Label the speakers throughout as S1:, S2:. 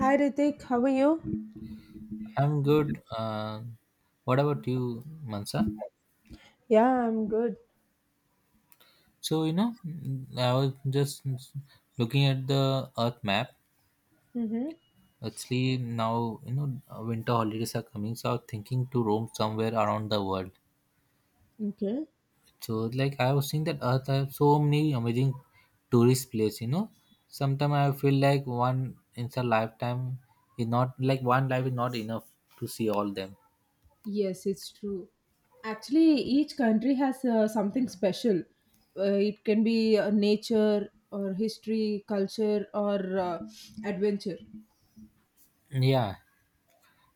S1: Hi Ritik, how are you?
S2: I'm good. What about you, Mansa?
S1: Yeah, I'm good.
S2: I was just looking at the Earth map.
S1: Mm-hmm.
S2: Actually, now, winter holidays are coming, so I was thinking to roam somewhere around the world.
S1: Okay.
S2: So, like, I was seeing that Earth has so many amazing tourist place, you know. Sometimes I feel like one in a lifetime is not, like, one life is not enough to see all them.
S1: Yes, it's true. Actually, each country has something special. It can be nature or history, culture or adventure.
S2: Yeah.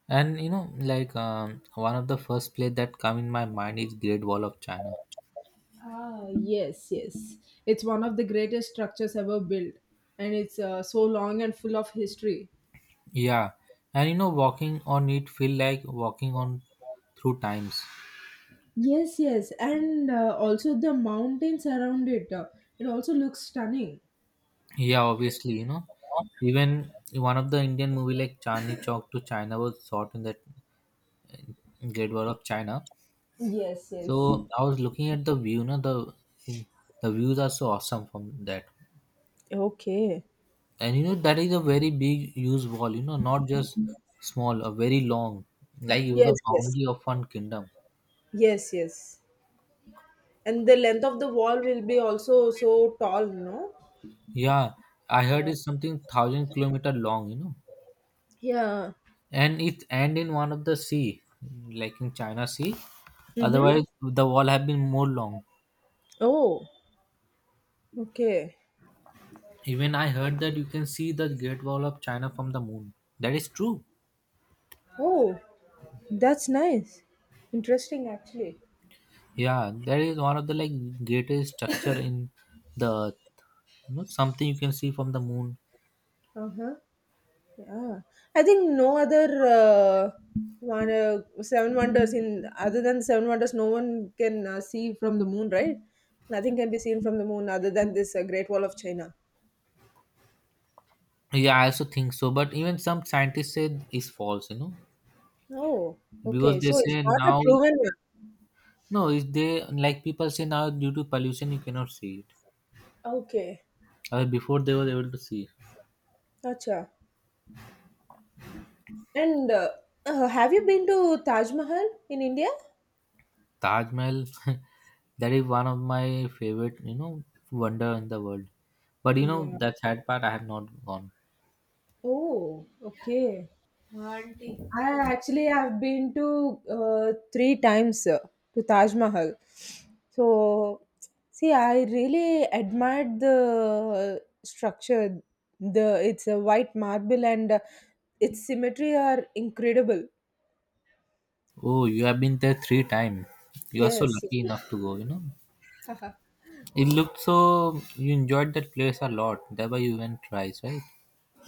S2: And you know, one of the first place that come in my mind is Great Wall of China.
S1: Ah, yes, yes. It's one of the greatest structures ever built, and it's so long and full of history.
S2: Yeah, and you know, walking on it feel like walking on through times.
S1: Yes, yes, and also the mountains around it. It also looks stunning.
S2: Yeah, obviously, you know, even one of the Indian movie like Chandni Chowk to China was shot in that Great Wall of China.
S1: Yes, yes.
S2: So I was looking at the view, no, the in- the views are so awesome from that.
S1: Okay.
S2: And you know, that is a very big huge wall. You know, not just small, a very long, like it was the
S1: Yes, yes,
S2: boundary of one kingdom.
S1: yes, yes. And the length of the wall will be also so tall, no?
S2: Yeah, I heard
S1: Yeah.
S2: it's something thousand kilometer long, you know,
S1: Yeah.
S2: and it end in one of the sea, like in China Sea.
S1: Mm-hmm.
S2: Otherwise, the wall have been more long.
S1: Oh, okay.
S2: Even I heard that you can see the Great Wall of China from the moon. That is true.
S1: Oh, that's nice. Interesting, actually.
S2: Yeah, that is one of the like greatest structure in the, you know, something you can see from the moon.
S1: Uh-huh. Yeah. I think no other seven wonders in other than seven wonders, no one can see from the moon, right? Nothing can be seen from the moon other than this Great Wall of China.
S2: Yeah, I also think so. But even some scientists said it's false, you know,
S1: Oh,
S2: because
S1: okay.
S2: they
S1: So it's
S2: say
S1: not a
S2: now.
S1: proven one.
S2: No, is they like people say now due to pollution you cannot see it.
S1: Okay.
S2: Before they were able to see
S1: Acha. And have you been to Taj Mahal in India?
S2: Taj Mahal. That is one of my favorite, you know, wonder in the world. But you know
S1: Yeah.
S2: the sad part, I have not gone.
S1: Oh, okay. I actually have been to three times to Taj Mahal. So, see, I really admired the structure. The It's a white marble and its symmetry are incredible.
S2: Oh, you have been there three times. You are so
S1: Yes.
S2: lucky enough to go. You know,
S1: Yes.
S2: it looked so. You enjoyed that place a lot. That's why you went twice, right?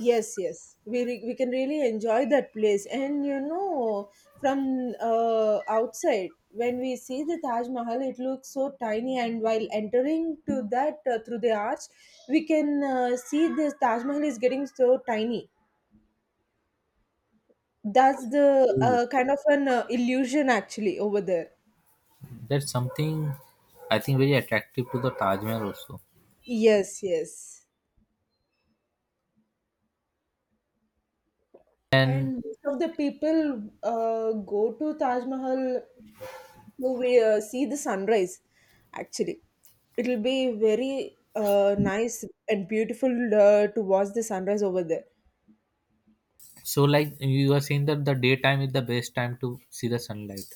S1: We can really enjoy that place, and you know, from outside when we see the Taj Mahal, it looks so tiny, and while entering to that through the arch, we can see the Taj Mahal is getting so tiny. That's the kind of an illusion actually over there.
S2: That's something I think very attractive to the Taj Mahal also.
S1: Yes, yes.
S2: And
S1: And most of the people go to Taj Mahal to we see the sunrise actually. It'll be very nice and beautiful to watch the sunrise over there.
S2: so, like you are saying that the daytime is the best time to see the sunlight.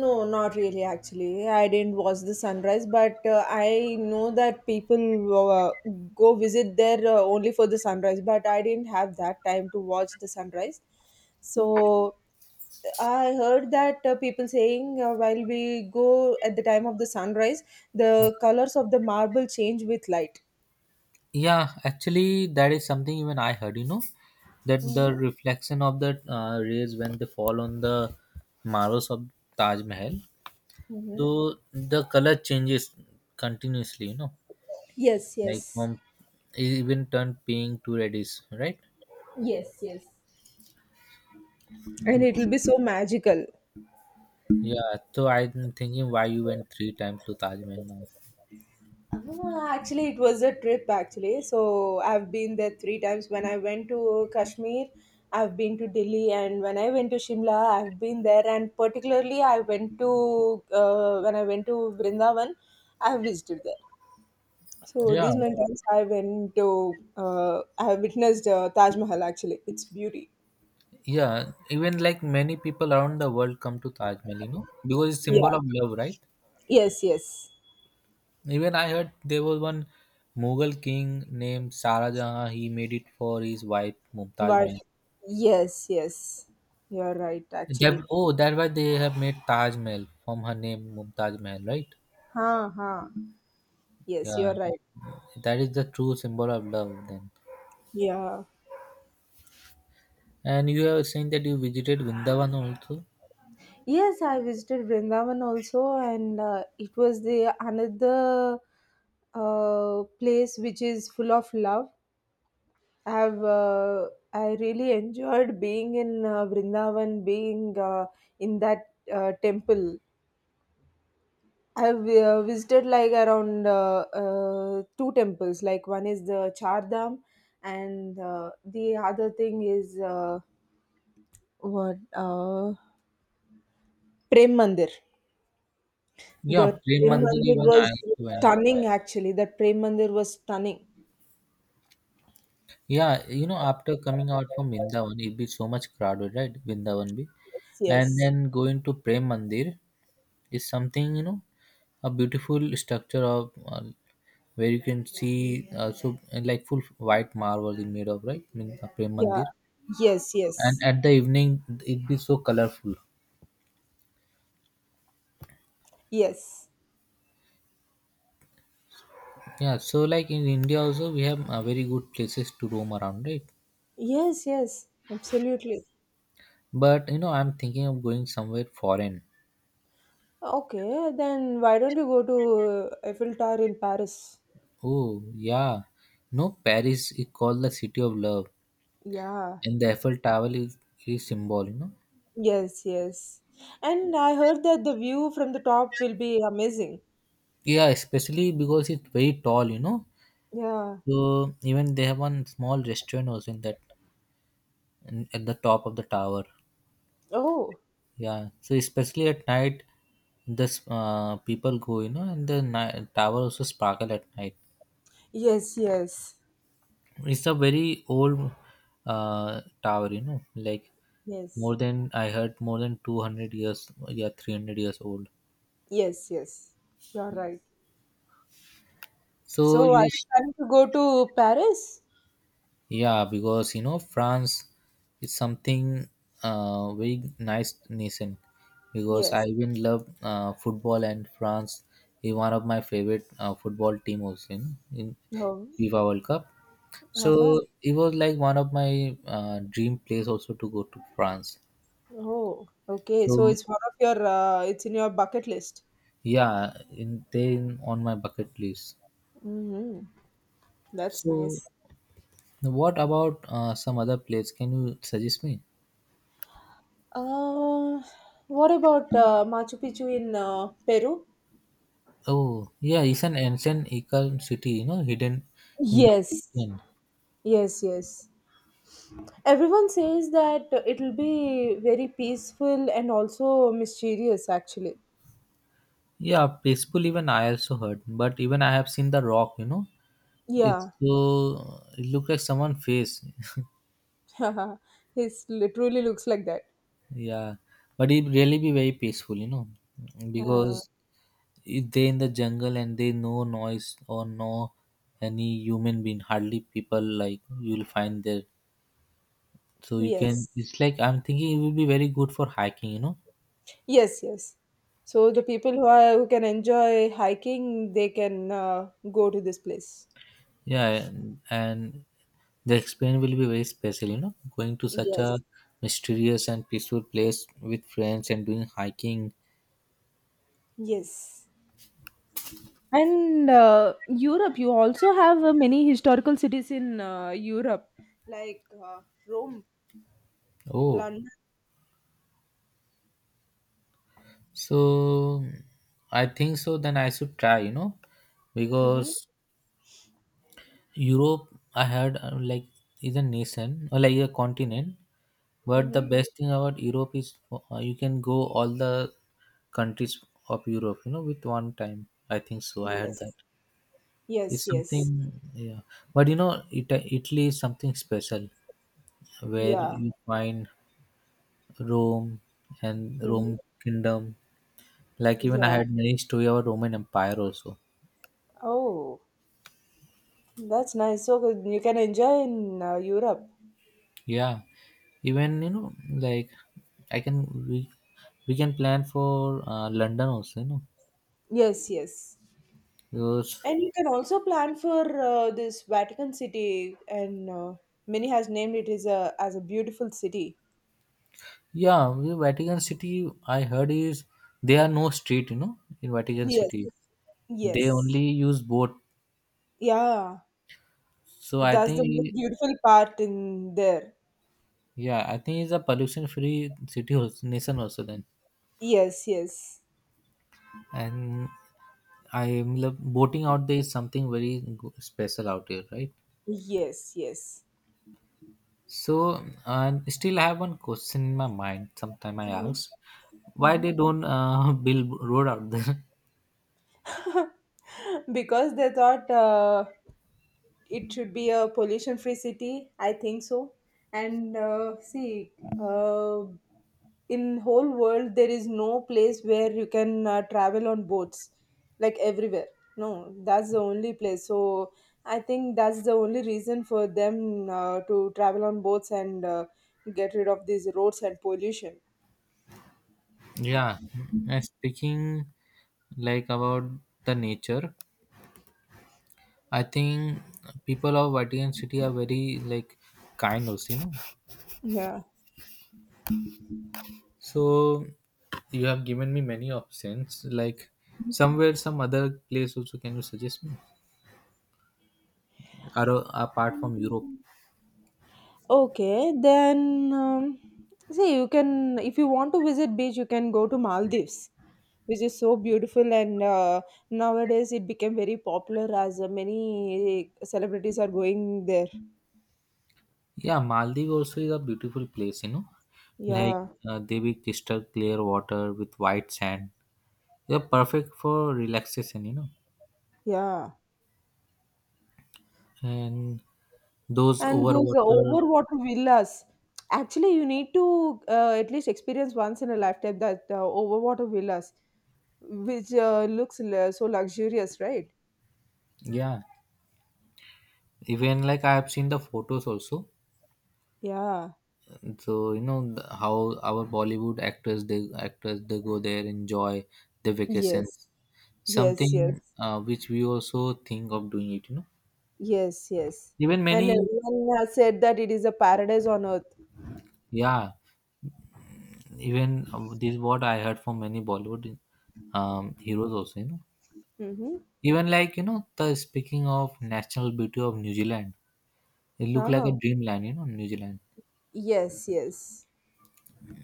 S1: No, not really. Actually, I didn't watch the sunrise, but I know that people go visit there only for the sunrise, but I didn't have that time to watch the sunrise. So I heard that people saying while we go at the time of the sunrise, the colors of the marble change with light.
S2: Yeah, actually, that is something even I heard. You know, that the
S1: Mhm.
S2: reflection of the rays when they fall on the marbles of Taj Mahal,
S1: Mhm.
S2: though the color changes continuously. You know,
S1: Yes,
S2: like
S1: yes.
S2: from e, even turn pink to reddish, right?
S1: Yes, yes. And it
S2: Yes.
S1: will be so magical.
S2: Yeah. So I'm thinking why you went three times to Taj Mahal now.
S1: Ah, actually, it was a trip. Actually, so I've been there three times. When I went to Kashmir, I've been to Delhi, and when I went to Shimla, I've been there. And particularly, I went to when I went to Vrindavan, I visited there. So
S2: Yeah.
S1: these many times I went to I have witnessed Taj Mahal. Actually, its beauty.
S2: Yeah, even like many people around the world come to Taj Mahal, you know, because it's
S1: Yeah.
S2: symbol of love, right?
S1: Yes. Yes.
S2: Even I heard there was one Mughal king named Sara Jahan. He made it for his wife Mumtaz
S1: Wife.
S2: Mahal.
S1: Yes, yes. You're right,
S2: That,
S1: actually.
S2: oh, that's why they have made Taj Mahal from her name Mumtaz Mahal, right?
S1: Ha ha. Yes,
S2: Yeah,
S1: you're right.
S2: that is the true symbol of love then.
S1: Yeah.
S2: And you have saying that you visited Vrindavan also.
S1: Yes, I visited Vrindavan also, and it was the another place which is full of love. I really enjoyed being in Vrindavan, being in that temple. I've visited like around two temples. Like one is the Char Dham, and the other thing is what Prem Mandir.
S2: Yeah,
S1: The
S2: Prem
S1: Prem
S2: Mandir
S1: Mandir
S2: even I
S1: was
S2: went.
S1: stunning. Actually, that Prem Mandir was stunning.
S2: Yeah, you know, after coming out from Vrindavan, it be so much crowded, right? Vrindavan be,
S1: Yes,
S2: and
S1: yes,
S2: then going to Prem Mandir is something, you know, a beautiful structure of where you can see so like full white marble is made of right in Prem
S1: yeah,
S2: Mandir,
S1: yes,
S2: and
S1: yes,
S2: at the evening it be so colorful.
S1: yes,
S2: Yeah, so like in India also we have very good places to roam around, right?
S1: yes, yes, absolutely.
S2: But you know, I'm thinking of going somewhere foreign.
S1: Okay, then why don't you go to Eiffel Tower in Paris?
S2: Oh yeah, no, Paris is called the city of love.
S1: Yeah.
S2: And the Eiffel Tower is symbol, you know.
S1: Yes, yes. And I heard that the view from the top will be amazing.
S2: Yeah, especially because it's very tall, you know.
S1: Yeah.
S2: So even they have one small restaurant also in at the top of the tower.
S1: Oh,
S2: Yeah. So especially at night, this people go, you know, and the tower also sparkle at night.
S1: yes, yes.
S2: It's a very old tower, you know, like
S1: Yes.
S2: more than I heard more than 200 years, yeah, 300 years old.
S1: Yes, yes. You're right.
S2: So
S1: So are
S2: you,
S1: you planning to go to Paris?
S2: yeah, because you know France is something very nice nation. Because I
S1: Yes.
S2: even love football and France is one of my favorite football team also in
S1: Oh.
S2: FIFA World Cup.
S1: Uh-huh.
S2: So it was like one of my dream place also to go to France.
S1: Oh, okay. So
S2: So
S1: it's one of your it's in your bucket list.
S2: yeah, in then on my bucket list.
S1: Mm-hmm. That's
S2: So
S1: nice.
S2: what about some other place? Can you suggest me?
S1: Uh, what about Machu Picchu in Peru?
S2: Oh, yeah, it's an ancient Incan city, you know, hidden in the
S1: Yes.
S2: mountain.
S1: Yes, yes. Everyone says that it'll be very peaceful and also mysterious, actually.
S2: Yeah, peaceful even I also heard, but even I have seen the rock, you know. It's
S1: Yeah,
S2: so it look like someone face.
S1: it literally looks like that.
S2: Yeah, but it really be very peaceful, you know,
S1: Uh,
S2: because if they in the jungle and they no noise or no any human being, hardly people like you'll find there. So you can.
S1: yes,
S2: It's like I'm thinking it will be very good for hiking, you know.
S1: yes, yes. So the people who are who can enjoy hiking, they can go to this place.
S2: Yeah, and the experience will be very special, you know, going to such a
S1: Yes,
S2: mysterious and peaceful place with friends and doing hiking.
S1: yes. And Europe, you also have many historical cities in Europe, like Rome,
S2: Oh,
S1: London.
S2: so I think so. Then I should try, you know,
S1: Mm-hmm,
S2: because Europe, I heard like is a nation or like a continent. But the
S1: mm-hmm.
S2: best thing about Europe is you can go all the countries of Europe, you know, with one time. I think so. I heard that.
S1: Yes.
S2: It's
S1: Yes, yes.
S2: something, yeah. But you know, it, Italy is something special, where
S1: Yeah.
S2: you find Rome and
S1: Hmm.
S2: Rome Kingdom. Like even I
S1: Yeah.
S2: had many story about Roman Empire also.
S1: Oh, that's nice. So good. You can enjoy in Europe.
S2: Yeah, even you know like I can we can plan for London also. You know
S1: Yes, yes.
S2: because
S1: And you can also plan for this Vatican City, and many has named it as a beautiful city.
S2: yeah, the Vatican City I heard is there are no street. You know in Vatican
S1: Yes,
S2: City they
S1: yes,
S2: only use boat.
S1: yeah.
S2: So I
S1: That's the most
S2: think
S1: beautiful part in there.
S2: yeah I think it's a pollution free city also nation also then.
S1: Yes, yes,
S2: And I love boating out there is something very special out here, right?
S1: yes, yes.
S2: So, and still I have one question in my mind. Sometime I ask, why
S1: Mhm.
S2: they don't build road out there?
S1: Because they thought it should be a pollution free city, I think so. And see, uh, in whole world there is no place where you can travel on boats like everywhere. No, that's the only place. So I think that's the only reason for them to travel on boats and get rid of these roads and pollution.
S2: Yeah, and speaking like about the nature, I think people of Vatican City are very like kind also, you know.
S1: Yeah.
S2: So you have given me many options. Like somewhere, some other place also. Can you suggest me? Apart from Europe.
S1: Okay, then see, you can, if you want to visit beach, you can go to Maldives, which is so beautiful and nowadays it became very popular as many celebrities are going there.
S2: Yeah, Maldives also is a beautiful place, you know. Like
S1: Yeah,
S2: they be crystal clear water with white sand. They're perfect for relaxation, you know.
S1: yeah.
S2: And those
S1: And those
S2: overwater,
S1: overwater villas. Actually, you need to at least experience once in a lifetime that overwater villas, which so luxurious, right?
S2: yeah. Even like I have seen the photos also.
S1: Yeah.
S2: So you know the, how our Bollywood actors, they go there enjoy the
S1: Yes.
S2: vacations.
S1: Yes.
S2: Something
S1: Yes.
S2: which we also think of doing it, you know.
S1: Yes, yes.
S2: Even
S1: And
S2: many,
S1: everyone has said that it is a paradise on earth.
S2: yeah. Even this what I heard from many Bollywood heroes also, you know,
S1: Mm-hmm.
S2: even like, you know, the speaking of national beauty of New Zealand, it look like a
S1: Uh-huh.
S2: dreamland, you know. New Zealand,
S1: Yes, yes.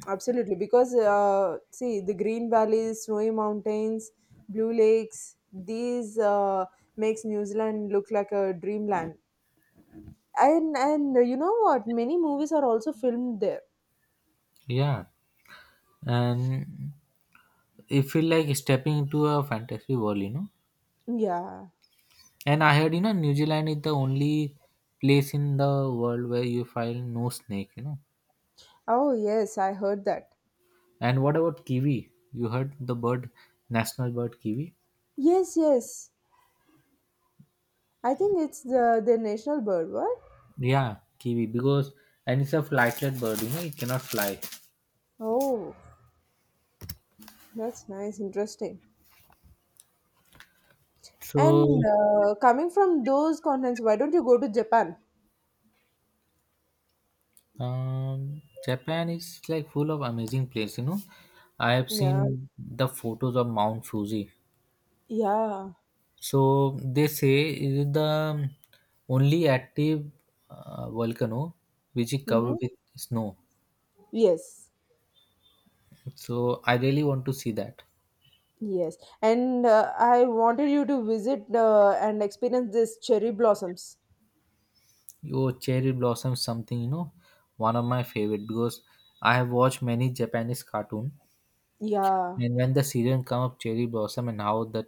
S1: Absolutely. Because, see, the green valleys, snowy mountains, blue lakes, these makes New Zealand look like a dreamland. And you know what? Many movies are also filmed there.
S2: yeah, and it feel like stepping into a fantasy world, you know.
S1: Yeah.
S2: And I heard, you know, New Zealand is the only place in the world where you find no snake, you know.
S1: Oh, yes, I heard that.
S2: And what about kiwi, you heard the bird, national bird kiwi?
S1: Yes, yes. I think it's the national bird, what?
S2: Yeah, kiwi because and it's a flightlet bird, you know, it cannot fly.
S1: Oh, that's nice, interesting.
S2: So,
S1: And coming from those continents, why don't you go to Japan?
S2: Japan is like full of amazing place, you know. I have
S1: Yeah,
S2: seen the photos of Mount Fuji.
S1: yeah.
S2: So they say it is the only active volcano which is
S1: Mm-hmm.
S2: covered with snow.
S1: Yes,
S2: So I really want to see that.
S1: yes. And I wanted you to visit and experience this cherry blossoms.
S2: Your cherry blossom something, you know, one of my favorite because I have watched many Japanese cartoon
S1: Yeah,
S2: and when the season come of cherry blossom and how that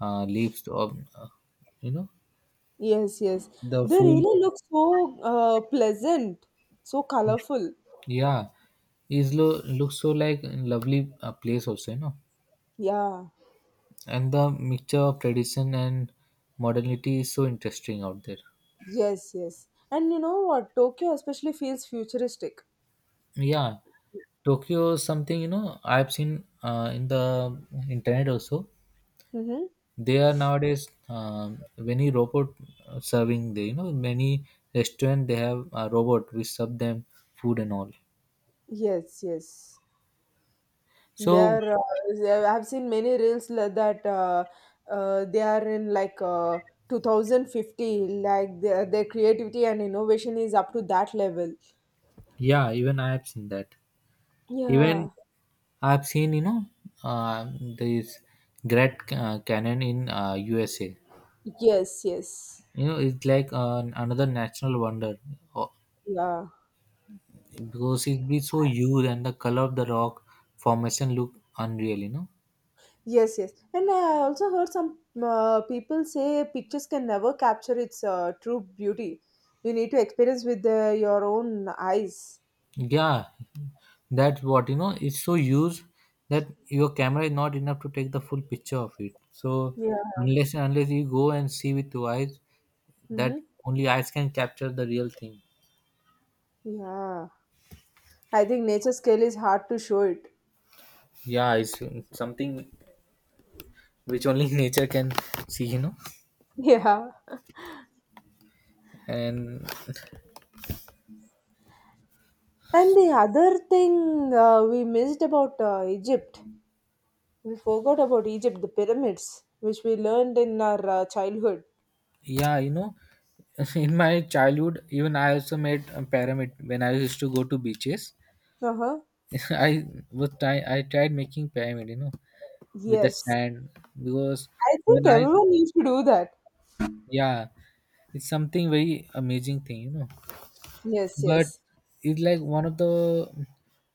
S2: leaves of uh, you know.
S1: yes, yes.
S2: The
S1: They
S2: food,
S1: really look so pleasant, so colorful.
S2: yeah, is lo looks so like lovely place also, you know.
S1: Yeah,
S2: And the mixture of tradition and modernity is so interesting out there.
S1: yes, yes. And you know what? Tokyo especially feels futuristic.
S2: Yeah, Tokyo is something you know I've seen in the internet also.
S1: Mm-hmm.
S2: They are nowadays many robot serving there. You know many restaurant they have a robot which serve them food and all.
S1: Yes, yes.
S2: So
S1: There, uh, I've seen many reels like that they are in like 2050, like their creativity and innovation is up to that level.
S2: yeah, even I have seen that. Even
S1: Yeah.
S2: I've seen, you know, uh, this Great Canyon in USA.
S1: Yes, yes.
S2: You know, it's like another national wonder. Oh,
S1: Yeah.
S2: because it be so huge and the color of the rock formation look unreal. You know,
S1: Yes, yes. And I also heard some people say pictures can never capture its true beauty. You need to experience with your own eyes.
S2: yeah, that's what you know. It's so huge that your camera is not enough to take the full picture of it. So
S1: Yeah.
S2: unless you go and see with your eyes, that
S1: Mm-hmm.
S2: only eyes can capture the real thing.
S1: Yeah. I think nature scale is hard to show it.
S2: Yeah, it's something which only nature can see.
S1: Yeah.
S2: And
S1: And the other thing we missed about Egypt, we forgot about Egypt, the pyramids, which we learned in our childhood.
S2: yeah you know In my childhood, even I also made a pyramid when I used to go to beaches.
S1: Uh huh.
S2: i I tried making pyramid with the
S1: Yes.
S2: sand because
S1: I
S2: when
S1: think
S2: I
S1: everyone needs to do that.
S2: yeah, it's something very amazing thing.
S1: Yes,
S2: But
S1: yes,
S2: it's like one of the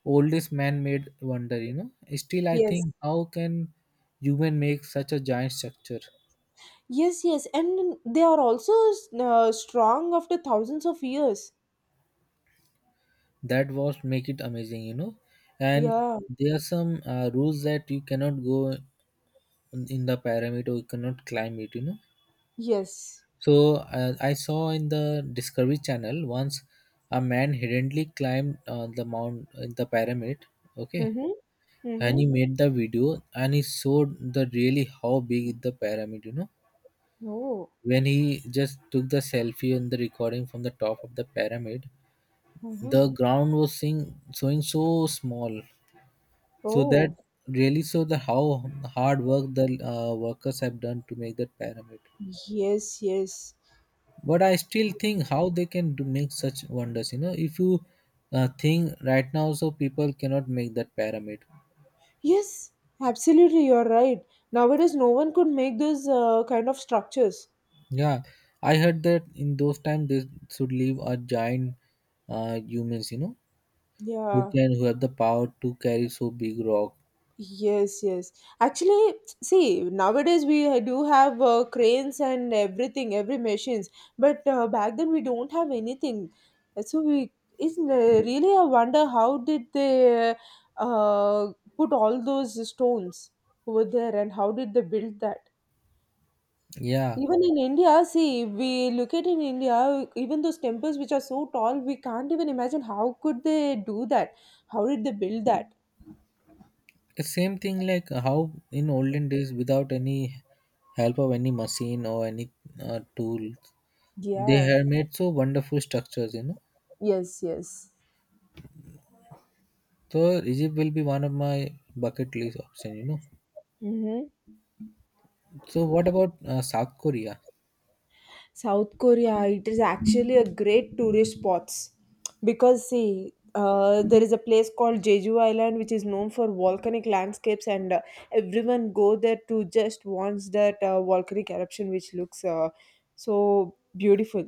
S2: oldest man-made wonder. Still I
S1: yes.
S2: think how can human make such a giant structure.
S1: Yes, yes. And they are also strong after thousands of years.
S2: That was make it amazing and
S1: Yeah.
S2: there are some rules that you cannot go in the pyramid or you cannot climb it.
S1: Yes.
S2: So I saw in the Discovery Channel once a man hiddenly climbed the mount the pyramid, okay,
S1: Mm hmm. Mm
S2: and
S1: hmm.
S2: he made the video and he showed the really how big is the pyramid,
S1: Oh.
S2: when he just took the selfie and the recording from the top of the pyramid.
S1: Mm hmm.
S2: The ground was seeing, showing so small. So that
S1: Oh.
S2: really shows the how hard work the workers have done to make that pyramid.
S1: Yes, yes.
S2: But I still think how they can do make such wonders, you know, if you think right now, so people cannot make that pyramid.
S1: Yes, absolutely, you're right. Nowadays, no one could make those kind of structures.
S2: Yeah, I heard that in those times they should leave a giant humans, who
S1: Yeah.
S2: can, who have the power to carry so big rock.
S1: Yes, yes. Actually, see, nowadays we do have cranes and everything, every machines. But back then we don't have anything. So we is really I wonder how did they uh, put all those stones over there, and how did they build that?
S2: Yeah,
S1: Even in India, see, we look at in India, even those temples which are so tall, we can't even imagine how could they do that? How did they build that?
S2: the same thing like how in olden days without any help of any machine or any tool they
S1: Yeah.
S2: have made so wonderful structures, you know.
S1: Yes, yes.
S2: So Egypt will be one of my bucket list option, you know.
S1: Hmm.
S2: So what about South Korea?
S1: South Korea, it is actually a great tourist spots. Because see, there is a place called Jeju Island which is known for volcanic landscapes, and everyone go there to just watch that volcanic eruption, which looks so beautiful.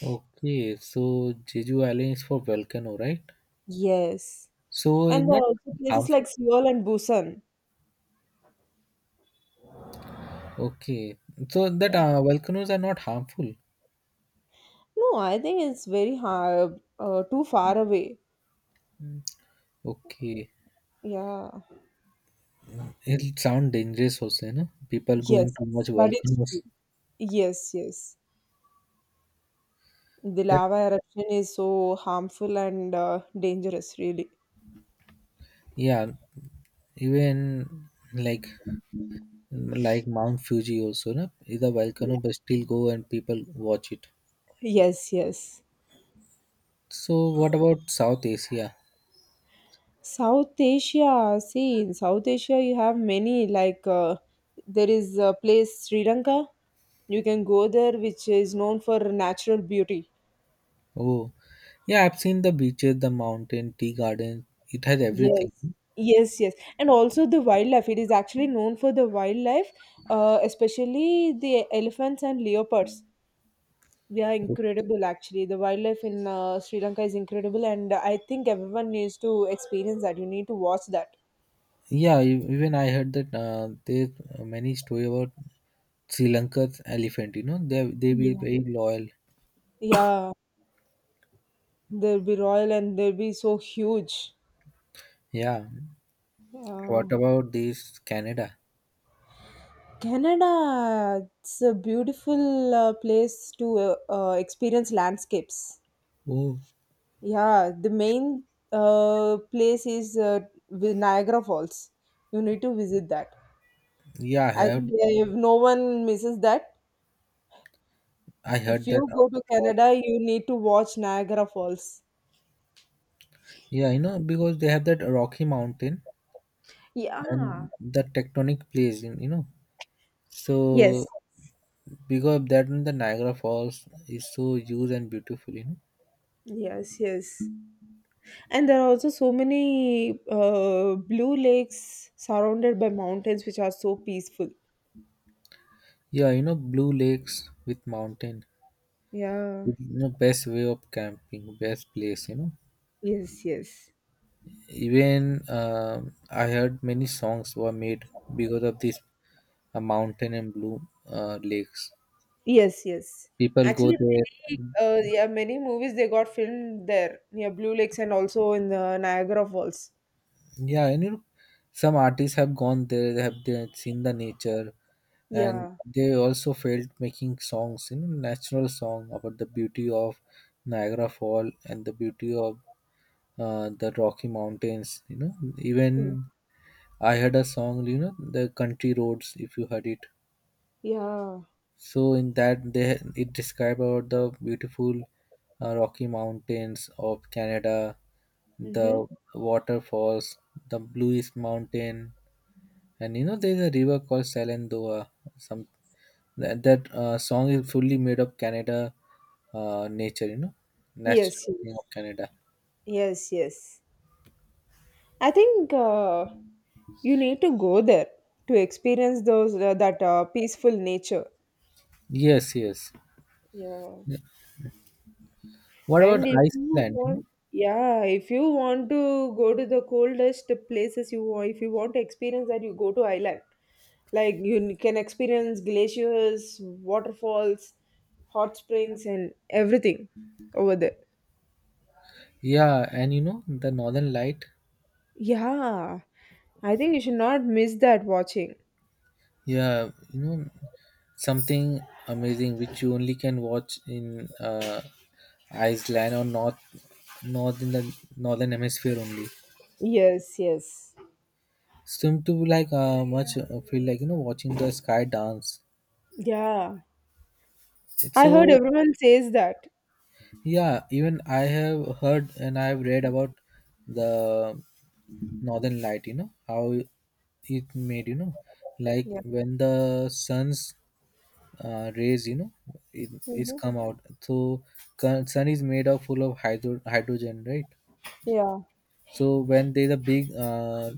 S2: Okay, so Jeju Island is for volcano, right?
S1: Yes.
S2: So it's
S1: And there
S2: not
S1: are also places
S2: harmful.
S1: like Seoul and Busan.
S2: Okay, so that
S1: Yeah.
S2: volcanoes are not harmful.
S1: No, I think it's very hard, too far away.
S2: Okay,
S1: Yeah.
S2: it'll sound dangerous also, you know. People going
S1: Yes,
S2: too much
S1: but it's
S2: volcanoes.
S1: true. Yes, yes. The
S2: That
S1: lava eruption is so harmful and dangerous, really.
S2: yeah, even like like Mount Fuji also, no, is a
S1: Yeah.
S2: volcano, but still go and people watch it.
S1: Yes, yes.
S2: So what about South Asia?
S1: South Asia, see, in South Asia, you have many, like, there is a place, Sri Lanka. You can go there, which is known for natural beauty.
S2: Oh, yeah, I've seen the beaches, the mountain, tea garden. It has
S1: Yes,
S2: everything.
S1: yes, yes. And also the wildlife. It is actually known for the wildlife, especially the elephants and leopards. They are incredible, actually. The wildlife in Sri Lanka is incredible, and I think everyone needs to experience that. You need to watch that.
S2: Yeah, even I heard that there's many story about Sri Lanka's elephant. You know, they be
S1: Yeah.
S2: very loyal.
S1: Yeah, they'll be royal and they'll be so huge.
S2: Yeah. What
S1: Yeah.
S2: about this Canada?
S1: Canada, it's a beautiful place to experience landscapes.
S2: Oh,
S1: Yeah, the main place is Niagara Falls. You need to visit that.
S2: yeah,
S1: I think yeah, if no one misses that,
S2: I
S1: if
S2: heard that.
S1: you go to
S2: About-
S1: Canada, you need to watch Niagara Falls.
S2: Yeah, you know, because they have that Rocky Mountain and
S1: Yeah.
S2: the tectonic plates. You know, so
S1: Yes.
S2: because of that in the Niagara Falls is so huge and beautiful, you know.
S1: Yes, yes. And there are also so many blue lakes surrounded by mountains, which are so peaceful.
S2: Yeah, you know, blue lakes with mountain,
S1: Yeah.
S2: you know, best way of camping, best place, you know.
S1: Yes, yes.
S2: Even I heard many songs were made because of this mountain and blue lakes.
S1: Yes, yes.
S2: People go
S1: Actually,
S2: there.
S1: many yeah, many movies they got filmed there near Blue Lakes and also in the Niagara Falls.
S2: Yeah, and you know, some artists have gone there, they have seen the nature, and
S1: Yeah.
S2: they also felt making songs, you know, natural song about the beauty of Niagara Fall and the beauty of the Rocky Mountains. You know,
S1: Mm.
S2: even I heard a song, you know, the country roads. If you heard it,
S1: Yeah.
S2: so in that they it described about the beautiful Rocky Mountains of Canada, the
S1: Mm-hmm.
S2: waterfalls, the bluest mountain, and you know, there's a river called Salendoa. Some that, that song is fully made of Canada nature. You know, national
S1: Yes,
S2: thing
S1: yes.
S2: of Canada.
S1: Yes, yes. I think you need to go there to experience those that peaceful nature.
S2: Yes, yes.
S1: Yeah.
S2: What
S1: And
S2: about
S1: if you
S2: Iceland? You know,
S1: want, yeah, if you want to go to the coldest places you want, if you want to experience that, you go to island. Like you can experience glaciers, waterfalls, hot springs, and everything over there.
S2: yeah, and you know the Northern Light.
S1: Yeah, I think you should not miss that watching.
S2: Yeah, you know something amazing which you only can watch in Iceland or north in the northern hemisphere only.
S1: Yes, yes.
S2: Seem to be like much feel like, you know, watching the sky dance.
S1: Yeah,
S2: It's
S1: I heard
S2: so.
S1: everyone says that.
S2: Yeah, even I have heard and I have read about the northern light, you know, how it made, you know, like
S1: Yeah.
S2: when the sun's rays, you know, it is
S1: Mm-hmm.
S2: come out. So sun is made of full of hydrogen, right?
S1: Yeah.
S2: So when there's a big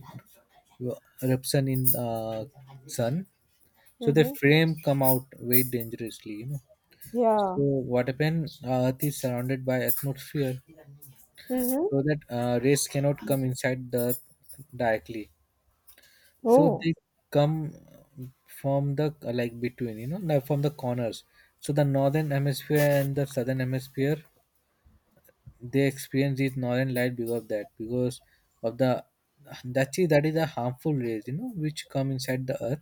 S2: eruption in sun, so the
S1: Mm-hmm.
S2: frame come out very dangerously, you know. So
S1: Yeah.
S2: what happened? Earth is surrounded by atmosphere
S1: Mm-hmm.
S2: so that rays cannot come inside the earth directly, so
S1: Oh.
S2: they come from the like between, you know, like from the corners, so the northern hemisphere and the southern hemisphere they experience this northern light because of that, because of the that is a harmful rays, you know, which come inside the earth.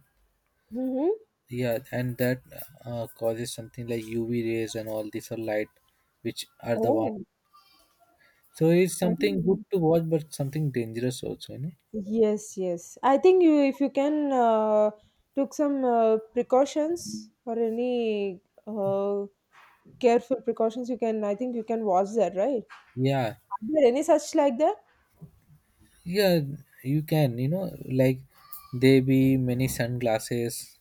S1: Mm-hmm.
S2: Yeah, and that causes something like UV rays and all these are light which are the one.
S1: Oh.
S2: So it's
S1: Oh,
S2: something good to watch but something dangerous also, you know.
S1: yes, yes. I think you, if you can, took some precautions or any uh, careful precautions, you can. I think you can watch that, right?
S2: Yeah.
S1: Are there any such like that?
S2: Yeah, you can, you know, like there be many sunglasses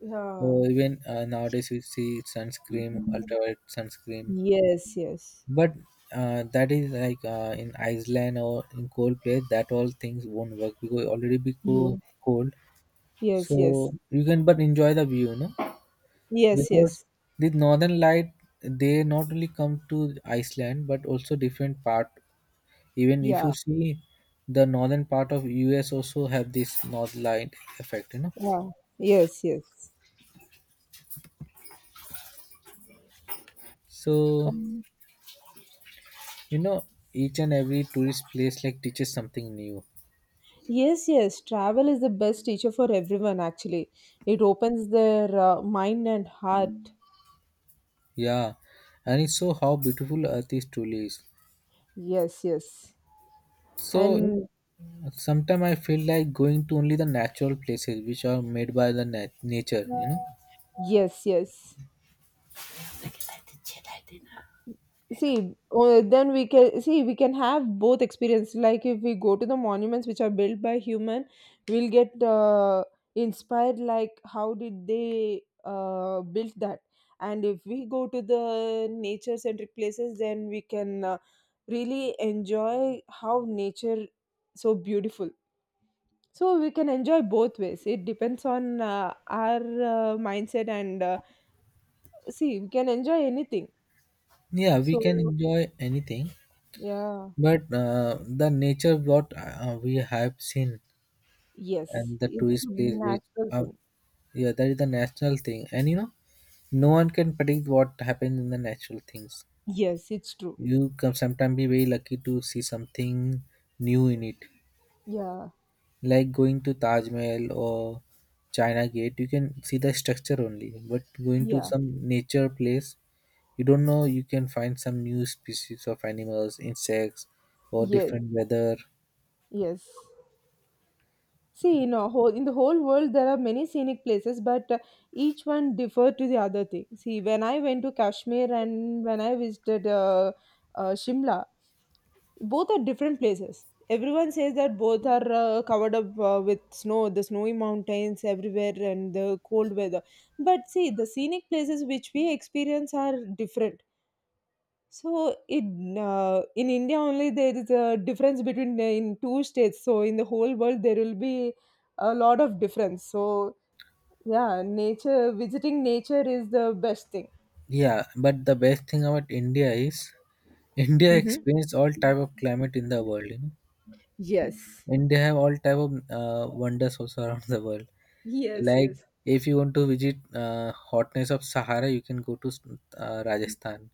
S1: Yeah.
S2: or even nowadays you see sunscreen, ultraviolet sunscreen.
S1: Yes, yes.
S2: But that is like in Iceland or in cold place, that all things won't work because already be
S1: Yes,
S2: cold.
S1: yes, yes.
S2: So you can but enjoy the view, you know,
S1: Yes,
S2: because
S1: yes.
S2: this northern light they not only come to Iceland but also different part. Even if
S1: Yeah,
S2: you see the northern part of US also have this north light effect, you know.
S1: yeah. Yes, yes.
S2: So
S1: Um,
S2: you know each and every tourist place like teaches something new.
S1: yes, yes. Travel is the best teacher for everyone, actually. It opens their mind and heart.
S2: Yeah, and it show how beautiful Earth is truly is.
S1: Yes, yes.
S2: So
S1: And
S2: sometimes I feel like going to only the natural places which are made by the nature. You know.
S1: yes, yes. See, then we can have both experience. Like if we go to the monuments which are built by human, we'll get inspired. Like how did they build that? And if we go to the nature-centric places, then we can really enjoy how nature so beautiful. So we can enjoy both ways. It depends on our mindset and see we can enjoy anything.
S2: Yeah, we can
S1: So
S2: enjoy anything,
S1: yeah.
S2: but the nature what we have seen
S1: Yes.
S2: and the
S1: It's the
S2: tourist place which
S1: natural
S2: are.
S1: thing.
S2: Yeah, that is the natural thing. And you know, no one can predict what happens in the natural things.
S1: Yes, it's true.
S2: You can sometimes be very lucky to see something new in it.
S1: Yeah.
S2: Like going to Taj Mahal or China Gate, you can see the structure only. But going to
S1: Yeah.
S2: some nature place, you don't know you can find some new species of animals, insects, or
S1: Yes.
S2: different weather.
S1: Yes. See, in the whole world there are many scenic places, but each one differ to the other thing. See, when I went to Kashmir and when I visited Shimla, both are different places. Everyone says that both are covered up with snow, the snowy mountains everywhere, and the cold weather. But see, the scenic places which we experience are different. So in India only there is a difference between in two states. So in the whole world there will be a lot of difference. So yeah, nature visiting nature is the best thing.
S2: Yeah, but the best thing about India is India
S1: Mm-hmm.
S2: experienced all type of climate in the world. You know?
S1: Yes.
S2: And they have all type of wonders also around the world.
S1: Yes,
S2: Like
S1: yes,
S2: if you want to visit hotness of Sahara, you can go to Rajasthan.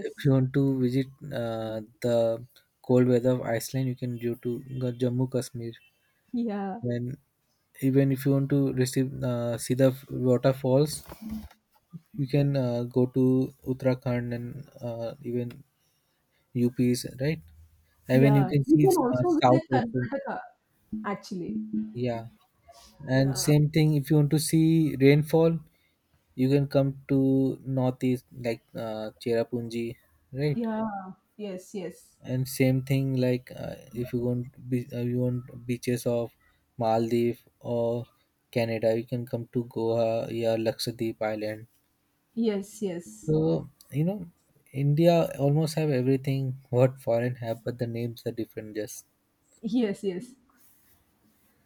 S2: If you want to visit the cold weather of Iceland, you can go to go Jammu Kashmir.
S1: yeah,
S2: Then even if you want to receive see the waterfalls, you can go to Uttarakhand and even UPs, right? And when you
S1: yeah.
S2: can
S1: You
S2: see
S1: can also
S2: South
S1: visit
S2: also,
S1: Karnataka actually.
S2: yeah. And
S1: Yeah,
S2: same thing if you want to see rainfall, you can come to northeast like Cherrapunji, right?
S1: yeah, yes, yes,
S2: And same thing like if you want you want beaches of Maldives or Canada, you can come to Goa or Lakshadweep Island.
S1: yes, yes,
S2: So you know India almost have everything what foreign have but the names are different just.
S1: yes, yes.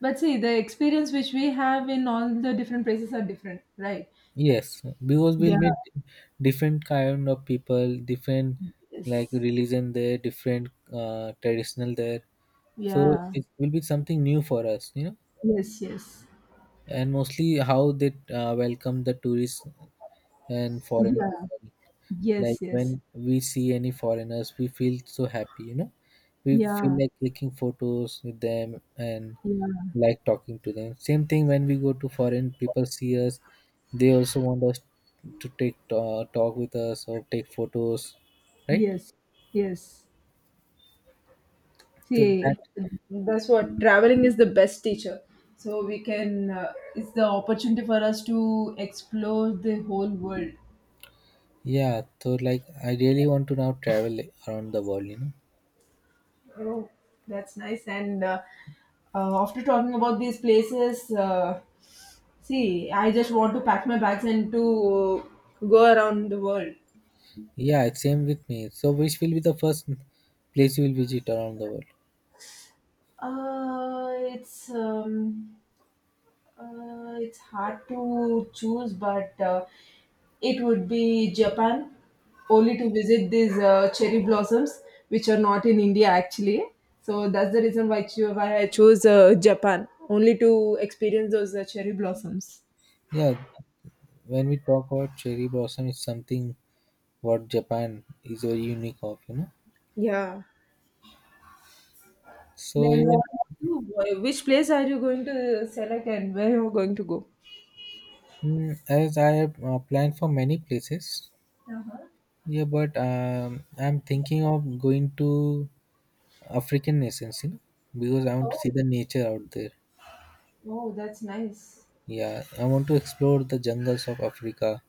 S1: But see, the experience which we have in all the different places are different, right?
S2: Yes, because we'll
S1: Yeah,
S2: meet different kind of people, different like
S1: yes.
S2: religion there, different traditional there. So
S1: Yeah.
S2: it will be something new for us, you know.
S1: Yes, yes.
S2: And mostly how they welcome the tourists and foreign people.
S1: Yeah.
S2: Like
S1: Yes, yes.
S2: when we see any foreigners, we feel so happy, you know. We feel
S1: Yeah.
S2: like clicking photos with them and
S1: Yeah.
S2: like talking to them. Same thing when we go to foreign people see us, they also want us to take talk with us or take photos, right?
S1: Yes. Yes.
S2: So that
S1: See, that's what traveling is the best teacher, so we can, it's the opportunity for us to explore the whole world.
S2: yeah, so like I really want to now travel around the world, you know.
S1: Oh, that's nice. And after talking about these places, see, I just want to pack my bags and to go around the world.
S2: Yeah, it's same with me. So which will be the first place you will visit around the world?
S1: It's it's hard to choose, but it would be Japan, only to visit these cherry blossoms, which are not in India actually. So that's the reason why I chose Japan, only to experience those cherry blossoms.
S2: Yeah, when we talk about cherry blossom, it's something. What Japan is very unique of, you know.
S1: Yeah.
S2: So
S1: Then
S2: even
S1: what? Which place are you going to select, and where you are going to go?
S2: as I have planned for many places,
S1: Uh-huh.
S2: yeah, but I'm thinking of going to African nations, you know, because I want to
S1: Oh,
S2: see the nature out there.
S1: oh, that's nice.
S2: Yeah, I want to explore the jungles of Africa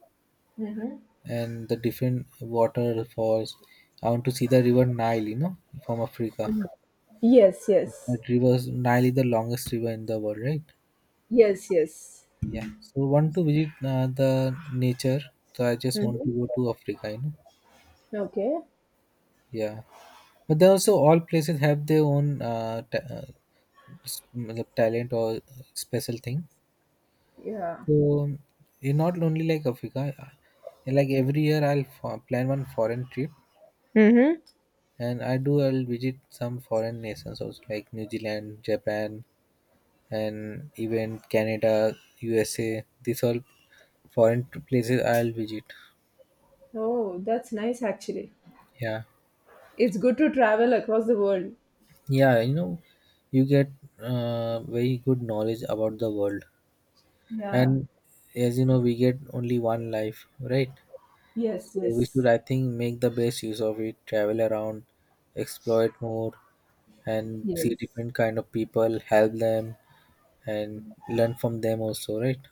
S1: Mm-hmm.
S2: and the different waterfalls. I want to see the river Nile, you know, from Africa.
S1: Yes, yes.
S2: That river Nile is the longest river in the world, right?
S1: Yes, yes.
S2: Yeah. So want to visit the nature. So I just want
S1: Mm-hmm.
S2: to go to Africa. You know.
S1: Okay.
S2: Yeah. But then also all places have their own मतलब talent or special thing.
S1: Yeah.
S2: So it's not only like Africa. Like every year, I'll plan one foreign trip,
S1: Mm-hmm.
S2: and I do. I'll visit some foreign nations also, like New Zealand, Japan, and even Canada, USA. These all foreign places I'll visit.
S1: Oh, that's nice actually.
S2: Yeah.
S1: It's good to travel across the world.
S2: Yeah, you know, you get very good knowledge about the world,
S1: Yeah.
S2: and as you know we get only one life, right?
S1: Yes,
S2: So we should,
S1: yes.
S2: I think, make the best use of it, travel around, explore it more, and see
S1: Yes.
S2: different kind of people, help them, and learn from them also, right?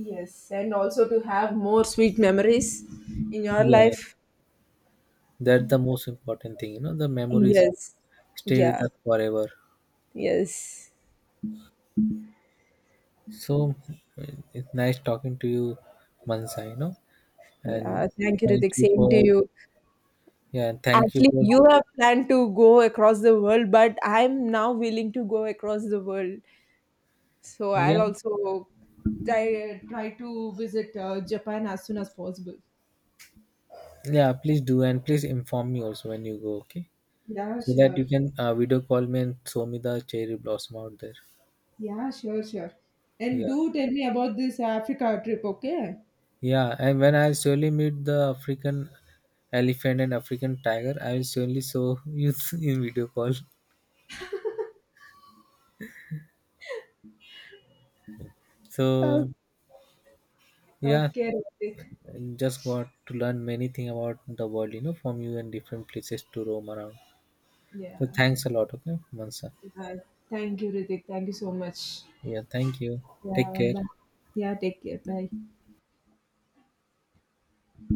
S1: Yes. And also to have more sweet memories in your
S2: Yeah,
S1: life.
S2: that's the most important thing, you know, the memories
S1: Yes.
S2: stay with
S1: Yeah.
S2: us forever.
S1: Yes.
S2: So uh, it's nice talking to you, Mansa, you know.
S1: Yeah.
S2: and
S1: Thank you,
S2: thank
S1: Ritik.
S2: you
S1: Same to
S2: for
S1: you.
S2: Yeah, thank you
S1: Actually,
S2: for
S1: you have planned to go across the world, but I'm now willing to go across the world. So
S2: Yeah,
S1: I'll also try to visit Japan as soon as possible.
S2: yeah. Please do and please inform me also when you go, okay?
S1: Yeah,
S2: So that
S1: sure.
S2: you can video call me and show me the cherry blossom out there.
S1: Yeah, sure, sure. And
S2: Yeah,
S1: do tell me about this Africa trip, okay?
S2: yeah. And when I surely meet the African elephant and African tiger, I will surely show you in video call.
S1: Oh,
S2: So yeah,
S1: okay, Ritik.
S2: and just got to learn many thing about the world, you know, from you and different places to roam around.
S1: Yeah.
S2: So thanks a lot, okay, Mansa.
S1: Uh, Thank you, Ritik. Thank you so much.
S2: Yeah, thank you. Take
S1: Yeah,
S2: care.
S1: bye. Yeah, take care. Bye.